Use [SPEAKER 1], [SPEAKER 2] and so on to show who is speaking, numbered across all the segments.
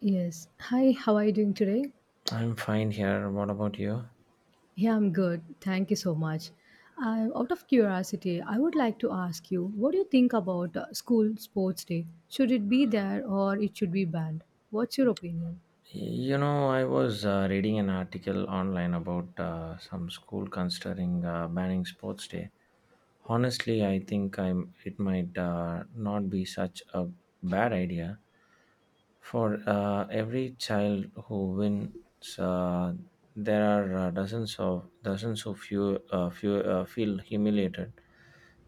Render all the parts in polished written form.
[SPEAKER 1] Yes. Hi, how are you doing today?
[SPEAKER 2] I'm fine here. What about you?
[SPEAKER 1] Yeah, I'm good. Thank you so much. Out of curiosity, I would like to ask you, what do you think about school sports day? Should it be there or it should be banned? What's your opinion?
[SPEAKER 2] You know, I was reading an article online about some school considering banning sports day. Honestly, I think I'm. It might not be such a bad idea. For every child who wins, uh, there are dozens of dozens who feel humiliated.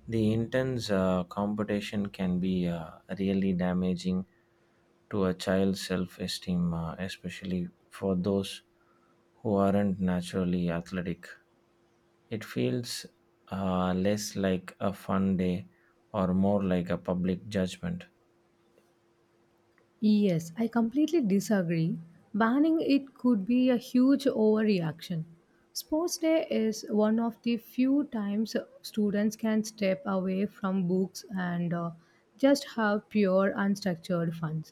[SPEAKER 2] The intense competition can be really damaging to a child's self-esteem, especially for those who aren't naturally athletic. It feels less like a fun day or more like a public judgment.
[SPEAKER 1] Yes, I completely disagree. Banning it could be a huge overreaction. Sports day is one of the few times students can step away from books and just have pure unstructured fun.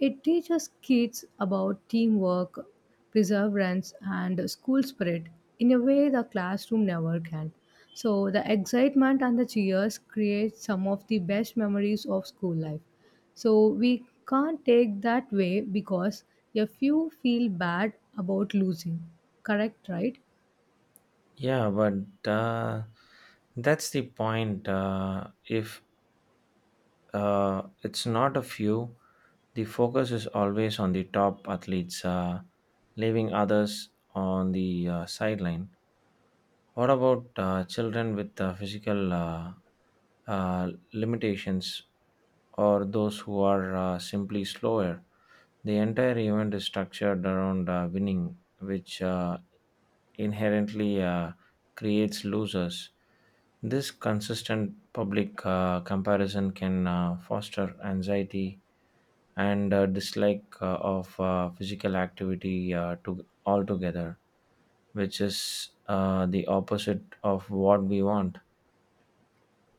[SPEAKER 1] It teaches kids about teamwork, perseverance, and school spirit in a way the classroom never can. So the excitement and the cheers create some of the best memories of school life. So we can't take that way because a few feel bad about losing. Correct, right?
[SPEAKER 2] Yeah, but that's the point. If it's not a few. The focus is always on the top athletes, leaving others on the sideline. What about children with physical limitations or those who are simply slower? The entire event is structured around winning, which inherently creates losers. This consistent public comparison can foster anxiety and dislike of physical activity to altogether, which is the opposite of what we want.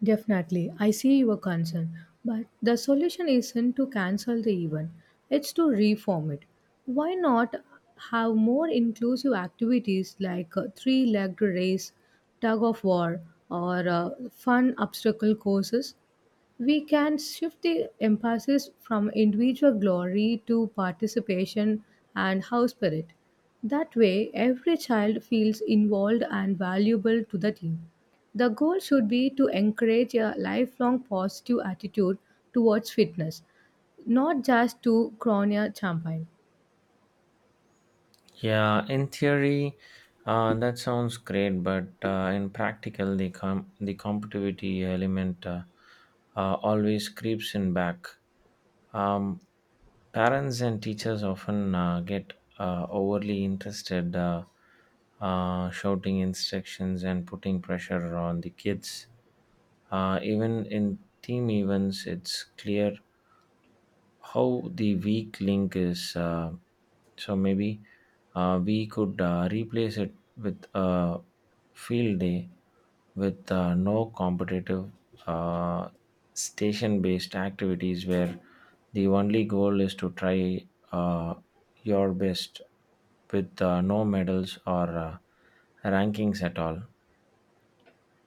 [SPEAKER 1] Definitely. I see your concern. But the solution isn't to cancel the event, it's to reform it. Why not have more inclusive activities like a three legged race, tug of war, or fun obstacle courses? We can shift the emphasis from individual glory to participation and house spirit. That way, every child feels involved and valuable to the team. The goal should be to encourage a lifelong positive attitude towards fitness, not just to crown a champion.
[SPEAKER 2] Yeah, in theory, that sounds great, but in practical, the competitivity element always creeps in back. Um, Parents and teachers often get overly interested, shouting instructions and putting pressure on the kids. Even in team events, it's clear how the weak link is so maybe we could replace it with a field day with no competitive uh, station based activities where the only goal is to try uh, your best with no medals or rankings at all.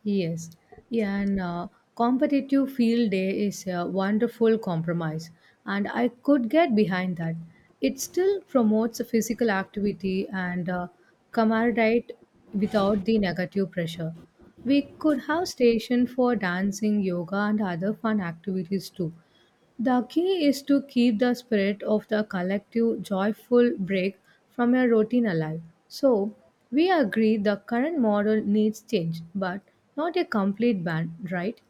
[SPEAKER 1] Yes, yeah, and competitive field day is a wonderful compromise, and I could get behind that. It still promotes physical activity and camaraderie without the negative pressure. We could have station for dancing, yoga, and other fun activities too. The key is to keep the spirit of the collective joyful break from your routine alive. So, we agree the current model needs change, but not a complete ban, right?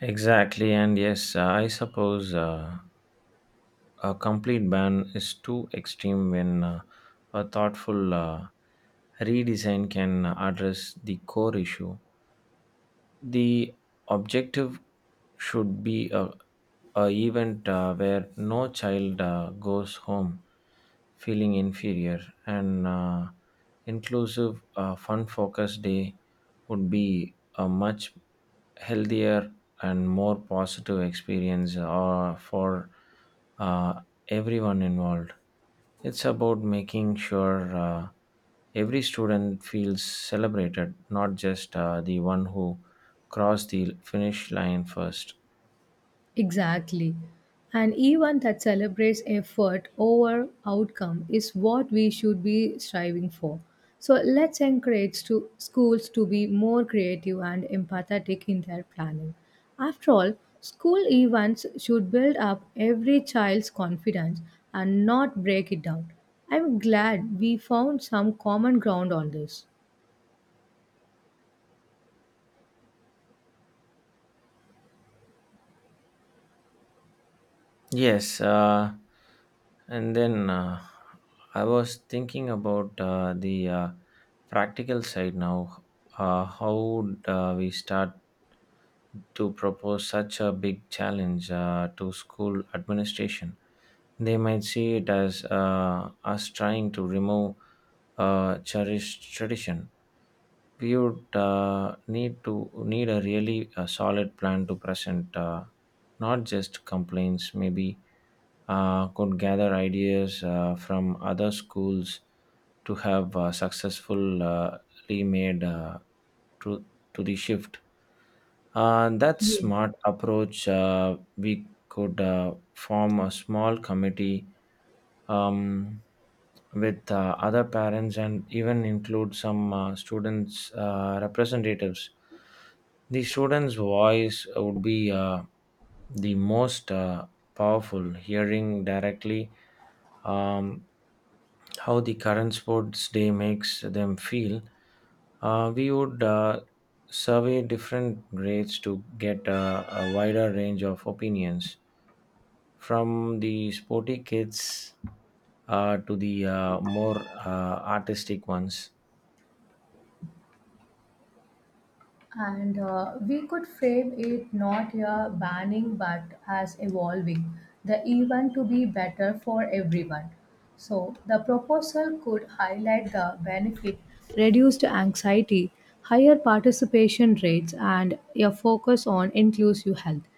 [SPEAKER 2] Exactly, and yes, I suppose a complete ban is too extreme when a thoughtful redesign can address the core issue. The objective should be a event where no child goes home feeling inferior, and inclusive fun focused day would be a much healthier and more positive experience for uh, everyone involved. It's about making sure every student feels celebrated, not just the one who crossed the finish line first.
[SPEAKER 1] Exactly. An event that celebrates effort over outcome is what we should be striving for. So let's encourage to schools to be more creative and empathetic in their planning. After all, school events should build up every child's confidence and not break it down. I'm glad we found some common ground on this.
[SPEAKER 2] Yes, and then I was thinking about the practical side now. How would we start to propose such a big challenge to school administration? They might see it as us trying to remove a cherished tradition. We would need a really solid plan to present, not just complaints. Maybe could gather ideas from other schools to have successfully made to, to the shift. That
[SPEAKER 1] Yes.
[SPEAKER 2] smart approach, we could form a small committee, um, with other parents, and even include some students' representatives. The students' voice would be the most powerful, hearing directly um, how the current sports day makes them feel. We would survey different grades to get a wider range of opinions from the sporty kids to the more artistic ones.
[SPEAKER 1] And we could frame it not a banning but as evolving the event to be better for everyone. So the proposal could highlight the benefit, reduced anxiety, higher participation rates, and a focus on inclusive health.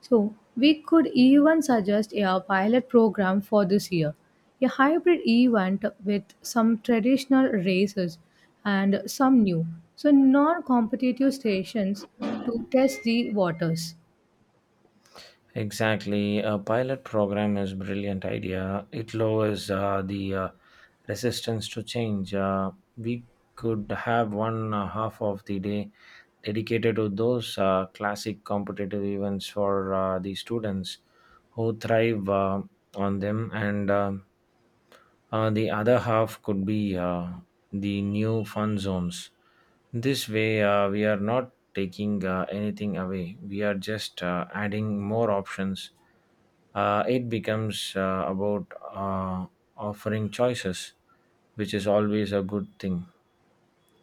[SPEAKER 1] So, we could even suggest a pilot program for this year, a hybrid event with some traditional races and some new, so non competitive stations to test the waters.
[SPEAKER 2] Exactly. A pilot program is brilliant idea. It lowers the resistance to change. We could have one half of the day dedicated to those classic competitive events for the students who thrive on them, and the other half could be the new fun zones. This way, we are not taking anything away. We are just adding more options. It becomes about uh, offering choices, which is always a good thing.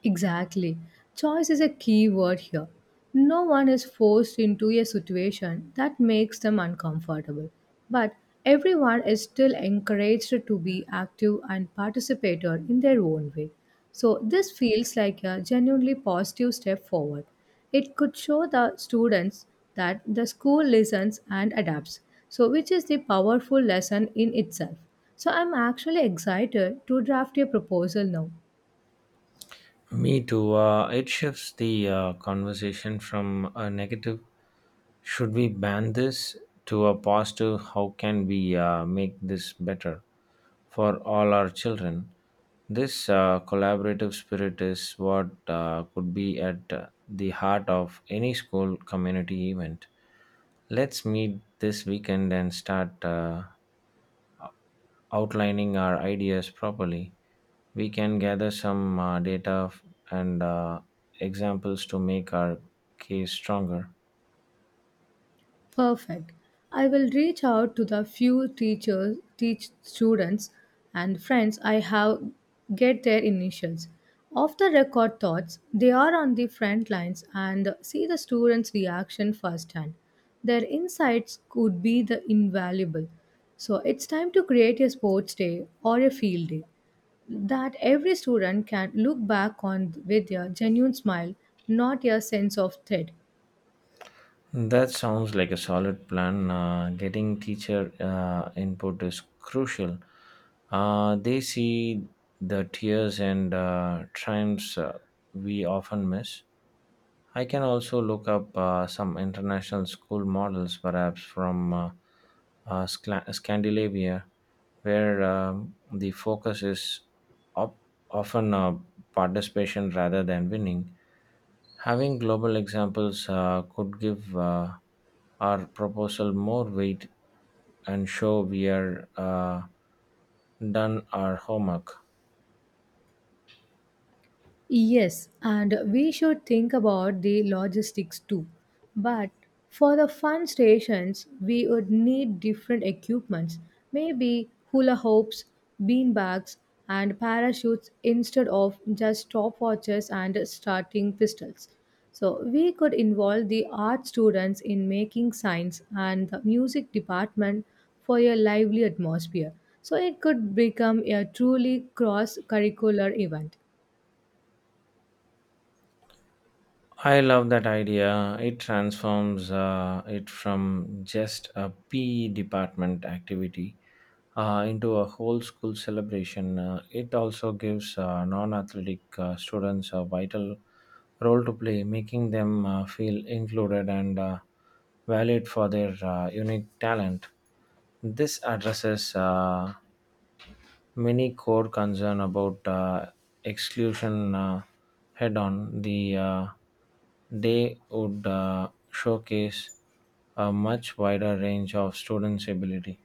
[SPEAKER 1] Exactly. Choice is a key word here. No one is forced into a situation that makes them uncomfortable, but everyone is still encouraged to be active and participator in their own way. So, this feels like a genuinely positive step forward. It could show the students that the school listens and adapts, so, which is the powerful lesson in itself. So, I'm actually excited to draft a proposal now.
[SPEAKER 2] Me too. It shifts the conversation from a negative, should we ban this, to a positive, how can we make this better for all our children? This collaborative spirit is what could be at the heart of any school community event. Let's meet this weekend and start. Outlining our ideas properly, we can gather some data f- and examples to make our case stronger.
[SPEAKER 1] Perfect. I will reach out to the few teachers, teach students and friends I have get their initials. Off the record thoughts, they are on the front lines and see the students' reaction firsthand. Their insights could be the invaluable. So it's time to create a sports day or a field day that every student can look back on with a genuine smile, not a sense of threat.
[SPEAKER 2] That sounds like a solid plan. Getting teacher input is crucial. They see the tears and triumphs we often miss. I can also look up some international school models, perhaps from Scandinavia, where the focus is op- often participation rather than winning. Having global examples could give our proposal more weight and show we are done our homework.
[SPEAKER 1] Yes, and we should think about the logistics too. But for the fun stations, we would need different equipments, maybe hula hoops, bean bags, and parachutes instead of just stopwatches and starting pistols. So we could involve the art students in making signs and the music department for a lively atmosphere. So it could become a truly cross-curricular event.
[SPEAKER 2] I love that idea. It transforms it from just a PE department activity into a whole school celebration. It also gives non athletic students a vital role to play, making them feel included and valued for their unique talent. This addresses many core concern about exclusion head on. The day would showcase a much wider range of students' ability.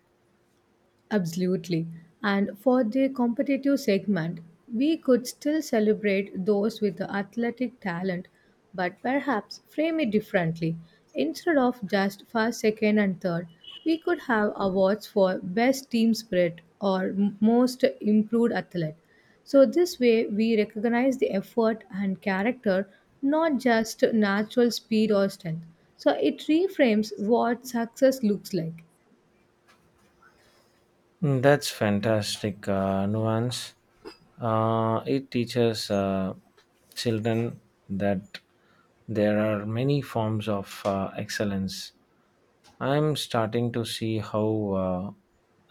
[SPEAKER 1] Absolutely. And for the competitive segment, we could still celebrate those with the athletic talent, but perhaps frame it differently. Instead of just first, second, and third, we could have awards for best team spirit or most improved athlete. So, this way, we recognize the effort and character, not just natural speed or strength. So, it reframes what success looks like.
[SPEAKER 2] Mm, that's fantastic nuance. It teaches children that there are many forms of excellence. I'm starting to see how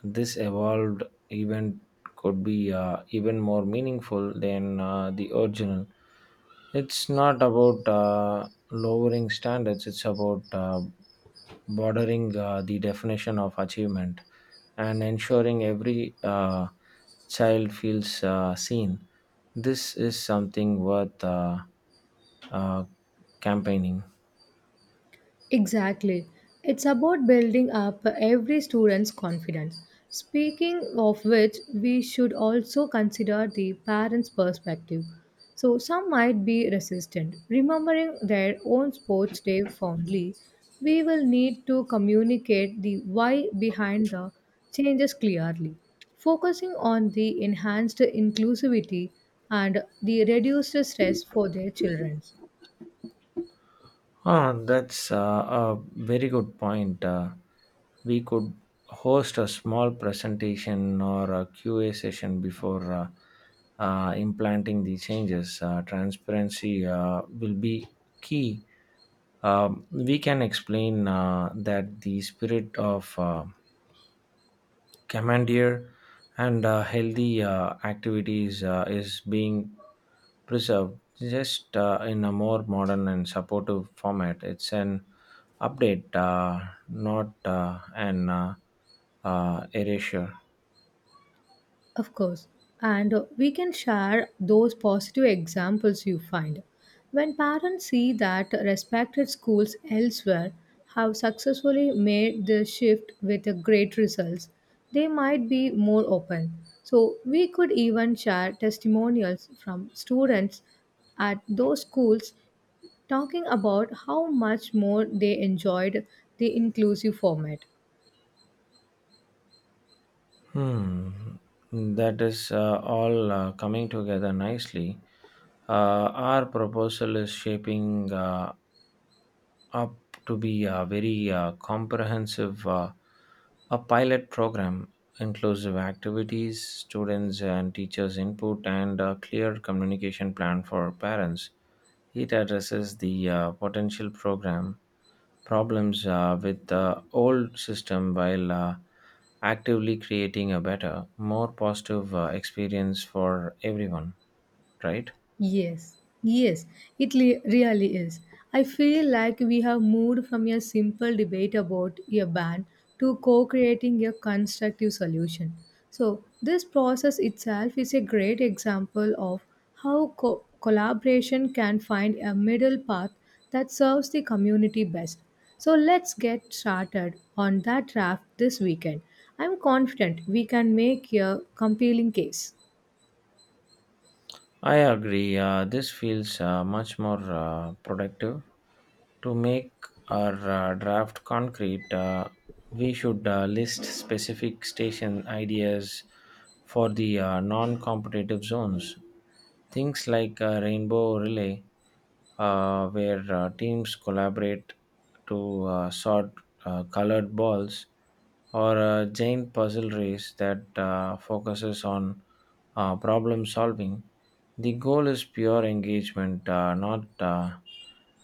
[SPEAKER 2] this evolved event could be even more meaningful than the original. It's not about lowering standards, it's about bordering the definition of achievement, and ensuring every child feels seen. This is something worth uh, campaigning.
[SPEAKER 1] Exactly. It's about building up every student's confidence. Speaking of which, we should also consider the parents' perspective. So, some might be resistant. Remembering their own sports day fondly, we will need to communicate the why behind the changes clearly. Focusing on the enhanced inclusivity and the reduced stress for their children.
[SPEAKER 2] Ah, that's a very good point. We could host a small presentation or a QA session before implanting the changes. Transparency will be key. We can explain that the spirit of commandeer and healthy activities is being preserved, just in a more modern and supportive format. It's an update, not an erasure.
[SPEAKER 1] Of course. And we can share those positive examples you find. When parents see that respected schools elsewhere have successfully made the shift with great results, they might be more open. So, we could even share testimonials from students at those schools talking about how much more they enjoyed the inclusive format.
[SPEAKER 2] Hmm. That is all coming together nicely. Our proposal is shaping up to be a very comprehensive a pilot program, inclusive activities, students and teachers input, and a clear communication plan for parents. It addresses the potential program problems with the old system, while actively creating a better, more positive experience for everyone, right?
[SPEAKER 1] Yes, yes, really is. I feel like we have moved from a simple debate about a ban to co creating a constructive solution. So, this process itself is a great example of how collaboration can find a middle path that serves the community best. So, let's get started on that draft this weekend. I'm confident we can make a compelling case.
[SPEAKER 2] I agree. This feels much more productive. To make our draft concrete, we should list specific station ideas for the non competitive zones. Things like rainbow relay where teams collaborate to sort colored balls, or a giant puzzle race that focuses on problem solving. The goal is pure engagement, not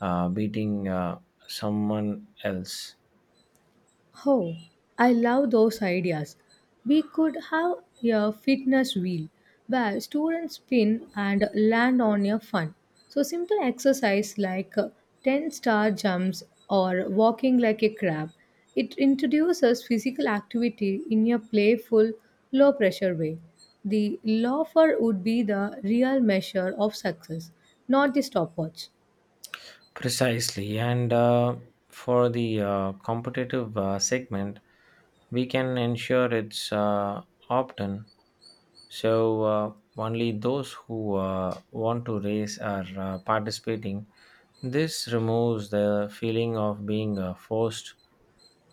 [SPEAKER 2] beating someone else.
[SPEAKER 1] Oh, I love those ideas. We could have a fitness wheel where students spin and land on a fun. So simple exercise like 10-star jumps or walking like a crab. It introduces physical activity in a playful, low pressure way. The loafer would be the real measure of success, not the stopwatch.
[SPEAKER 2] Precisely, and for the competitive segment, we can ensure it's opt-in. So only those who want to race are participating. This removes the feeling of being forced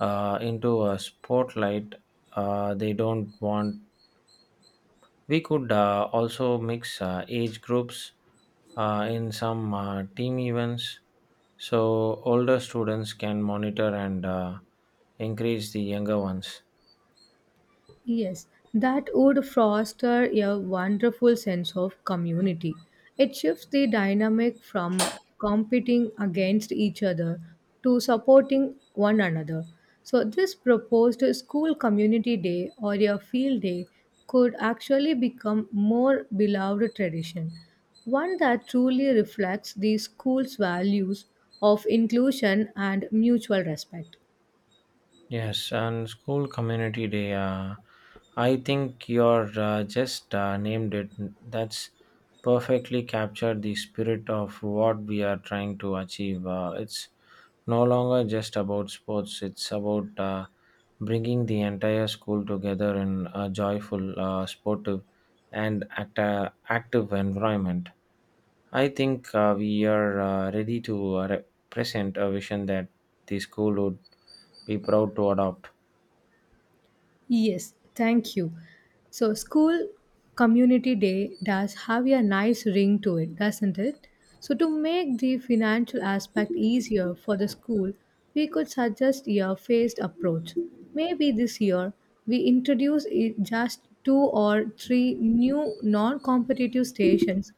[SPEAKER 2] into a spotlight they don't want. We could also mix age groups in some team events, so older students can monitor and encourage the younger ones.
[SPEAKER 1] Yes, that would foster a wonderful sense of community. It shifts the dynamic from competing against each other to supporting one another. So, this proposed school community day or a field day could actually become more beloved tradition, one that truly reflects the school's values of inclusion and mutual respect.
[SPEAKER 2] Yes, and school community day. I think you're just named it. That's perfectly captured the spirit of what we are trying to achieve. It's no longer just about sports. It's about bringing the entire school together in a joyful, sportive, and active environment. I think we are ready to represent a vision that the school would be proud to adopt.
[SPEAKER 1] Yes, thank you. So, school community day does have a nice ring to it, doesn't it? So, to make the financial aspect easier for the school, we could suggest a phased approach. Maybe this year we introduce just two or three new non competitive stations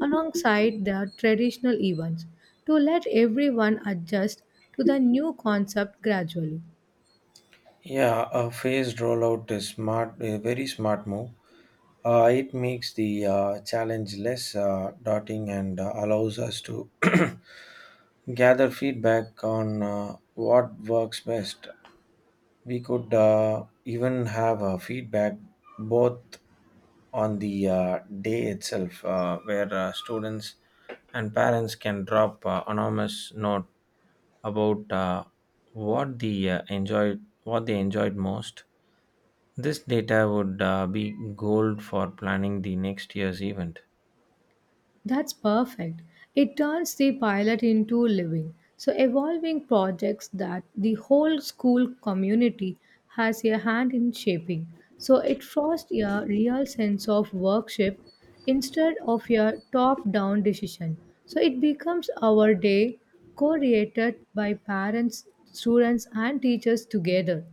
[SPEAKER 1] alongside the traditional events to let everyone adjust to the new concept gradually.
[SPEAKER 2] Yeah, a phased rollout is smart, a very smart move. It makes the challenge less daunting, and allows us to gather feedback on what works best. We could even have a feedback both on the day itself, where students and parents can drop anonymous note about what they enjoyed most. This data would be gold for planning the next year's event.
[SPEAKER 1] That's perfect. It turns the pilot into living, so evolving projects that the whole school community has a hand in shaping. So it fosters a real sense of workship instead of a top-down decision. So it becomes our day co-created by parents, students, and teachers together.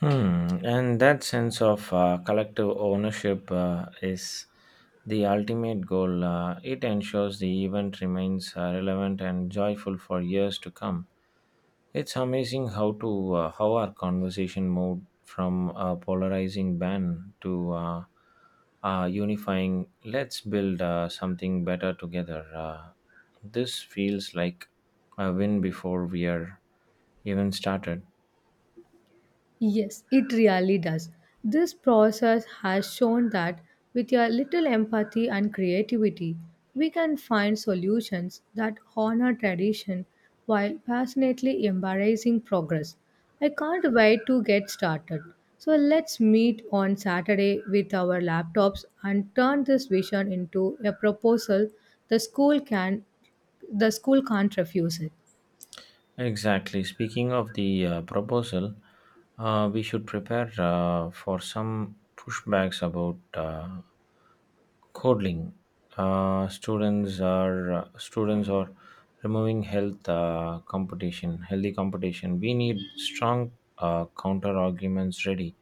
[SPEAKER 2] Hmm. And that sense of collective ownership is the ultimate goal. It ensures the event remains relevant and joyful for years to come. It's amazing how our conversation moved from a polarizing ban to unifying. Let's build something better together. This feels like a win before we are even started.
[SPEAKER 1] Yes, it really does. This process has shown that with a little empathy and creativity, we can find solutions that honor tradition while passionately embracing progress. I can't wait to get started. So let's meet on Saturday with our laptops and turn this vision into a proposal the school can the school can't refuse it.
[SPEAKER 2] Exactly. Speaking of the proposal, we should prepare for some pushbacks about Codling. Students are removing healthy competition. We need strong counter arguments ready.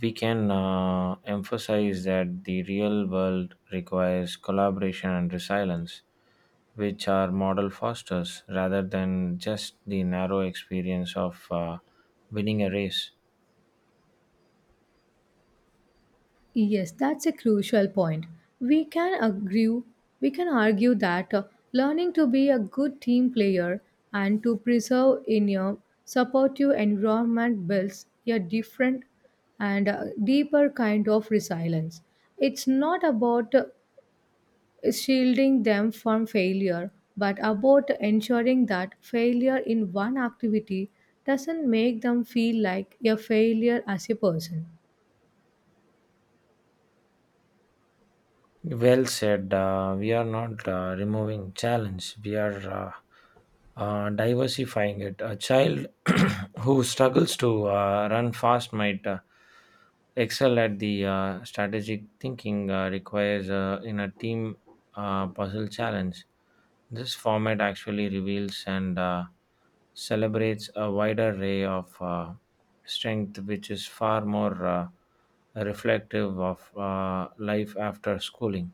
[SPEAKER 2] We can emphasize that the real world requires collaboration and resilience, which our model fosters, rather than just the narrow experience of winning a race.
[SPEAKER 1] Yes, that's a crucial point. We can agree, we can argue that learning to be a good team player and to preserve in a supportive environment builds a different and deeper kind of resilience. It's not about shielding them from failure, but about ensuring that failure in one activity doesn't make them feel like a failure as a person.
[SPEAKER 2] Well said. We are not removing challenge. We are diversifying it. A child who struggles to run fast might excel at the strategic thinking requires in a team puzzle challenge. This format actually reveals and celebrates a wider array of strength, which is far more reflective of life after schooling.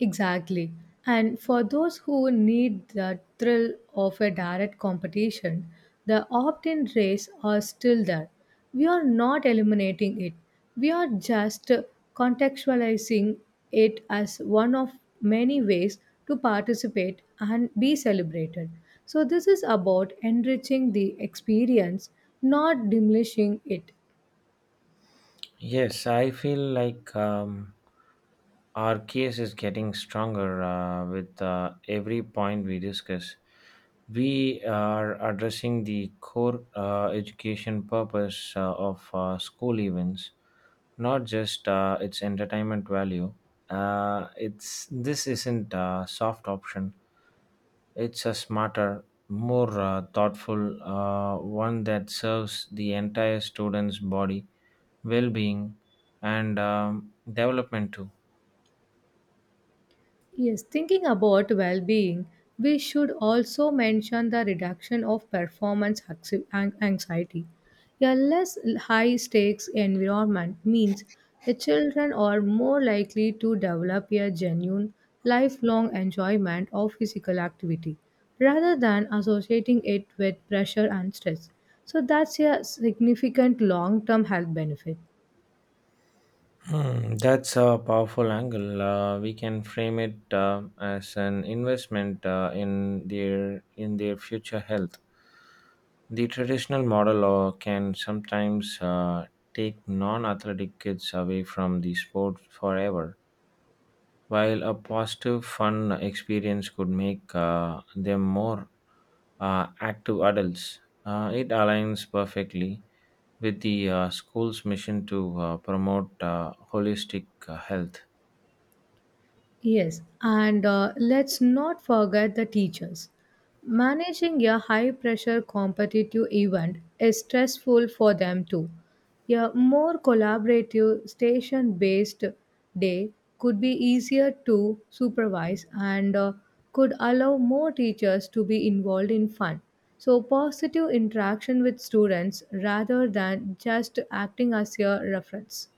[SPEAKER 1] Exactly. And for those who need the thrill of a direct competition, the opt in race are still there. We are not eliminating it, we are just contextualizing it as one of many ways to participate and be celebrated. So, this is about enriching the experience, not diminishing it.
[SPEAKER 2] Yes, I feel like our case is getting stronger with every point we discuss. We are addressing the core education purpose of school events, not just its entertainment value. It's This isn't a soft option. It's a smarter, more thoughtful one that serves the entire student's body well-being and development too.
[SPEAKER 1] Yes, thinking about well being, we should also mention the reduction of anxiety. A less high stakes environment means the children are more likely to develop a genuine lifelong enjoyment of physical activity rather than associating it with pressure and stress. So, that's a significant long term health benefit.
[SPEAKER 2] Hmm, that's a powerful angle. We can frame it as an investment in their future health. The traditional model can sometimes take non-athletic kids away from the sport forever. While a positive, fun experience could make them more active adults, it aligns perfectly with the school's mission to promote holistic health.
[SPEAKER 1] Yes, and let's not forget the teachers. Managing a high pressure competitive event is stressful for them too. A more collaborative station based day could be easier to supervise and could allow more teachers to be involved in fun. So, positive interaction with students rather than just acting as a reference.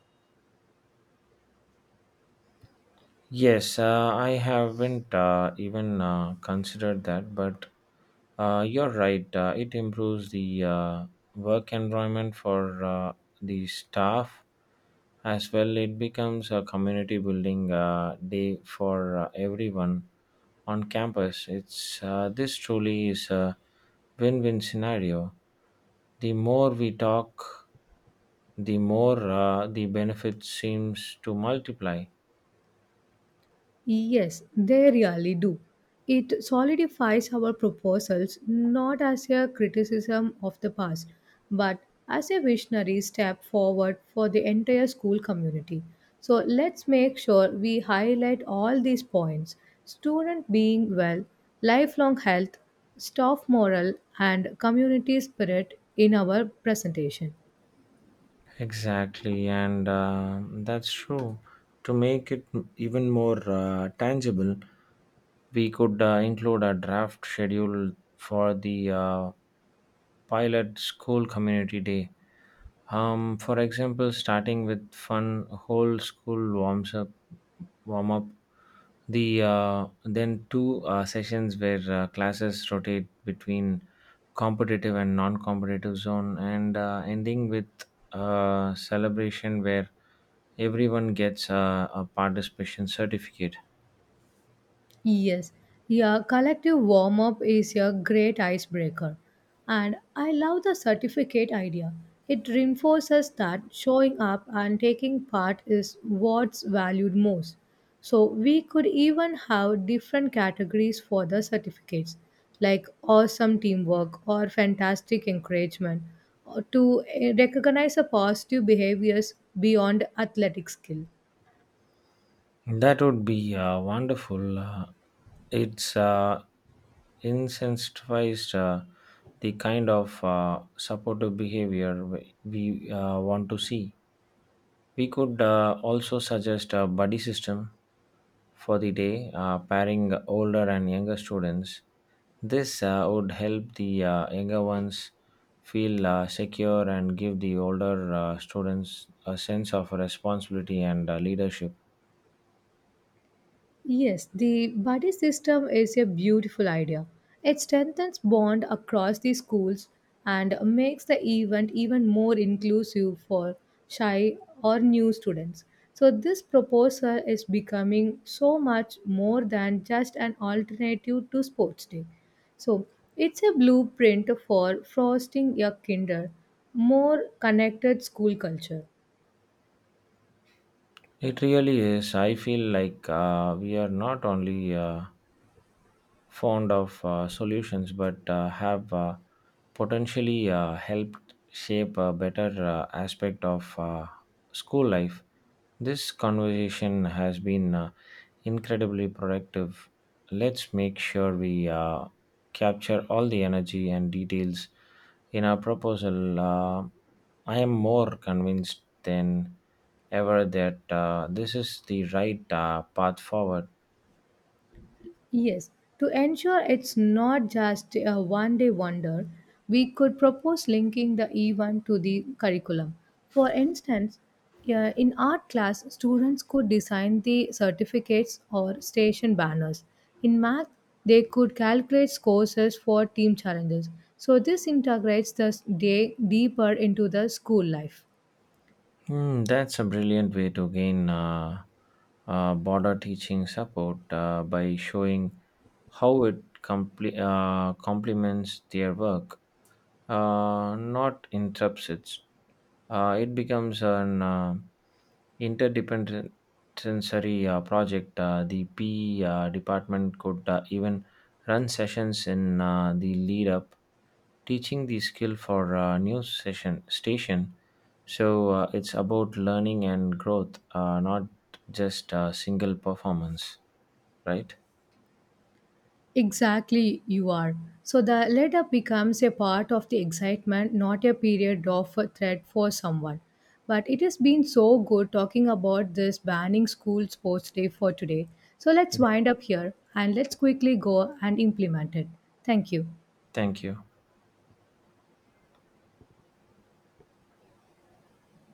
[SPEAKER 2] Yes, I haven't even considered that, but you're right. It improves the work environment for the staff as well. It becomes a community building day for everyone on campus. It's This truly is a win-win scenario. The more we talk, the more the benefit seems to multiply.
[SPEAKER 1] Yes, they really do. It solidifies our proposals not as a criticism of the past, but as a visionary step forward for the entire school community. So let's make sure we highlight all these points student being well, lifelong health, staff morale, and community spirit in our presentation.
[SPEAKER 2] Exactly, and that's true. To make it even more tangible, we could include a draft schedule for the pilot school community day. For example, starting with fun whole warm up, the then two sessions where classes rotate between competitive and non-competitive zone, and ending with a celebration where everyone gets a participation certificate.
[SPEAKER 1] Yes, yeah, collective warm up is a great icebreaker. And I love the certificate idea. It reinforces that showing up and taking part is what's valued most. So we could even have different categories for the certificates, like awesome teamwork or fantastic encouragement, or to recognize the positive behaviors beyond athletic skill.
[SPEAKER 2] That would be wonderful. It's incentivized the kind of supportive behavior we want to see. We could also suggest a buddy system for the day, pairing older and younger students. This would help the younger ones feel secure, and give the older students a sense of responsibility and leadership.
[SPEAKER 1] Yes, the buddy system is a beautiful idea. It strengthens bond across the schools and makes the event even more inclusive for shy or new students. So this proposal is becoming so much more than just an alternative to sports day. So it's a blueprint for fostering a kinder, more connected school culture.
[SPEAKER 2] It really is. I feel like we are not only fond of solutions, but have potentially helped shape a better aspect of school life. This conversation has been incredibly productive. Let's make sure we capture all the energy and details in our proposal. I am more convinced than ever that this is the right path forward.
[SPEAKER 1] Yes, to ensure it's not just a one day wonder, we could propose linking the event to the curriculum. For instance, yeah, in art class, students could design the certificates or station banners. In math, they could calculate scores for team challenges. So, this integrates the day deeper into the school life.
[SPEAKER 2] Hmm, that's a brilliant way to gain border teaching support by showing how it complements their work, not interrupts it. It becomes an interdependent sensory project. The PE department could even run sessions in the lead up, teaching the skill for news session station. So it's about learning and growth, not just a single performance, right?
[SPEAKER 1] Exactly, you are. So the let up becomes a part of the excitement, not a period of a threat for someone. But it has been so good talking about this banning school sports day for today. So let's
[SPEAKER 2] Yeah.
[SPEAKER 1] wind up here and let's quickly go and implement it. Thank you.
[SPEAKER 2] Thank you.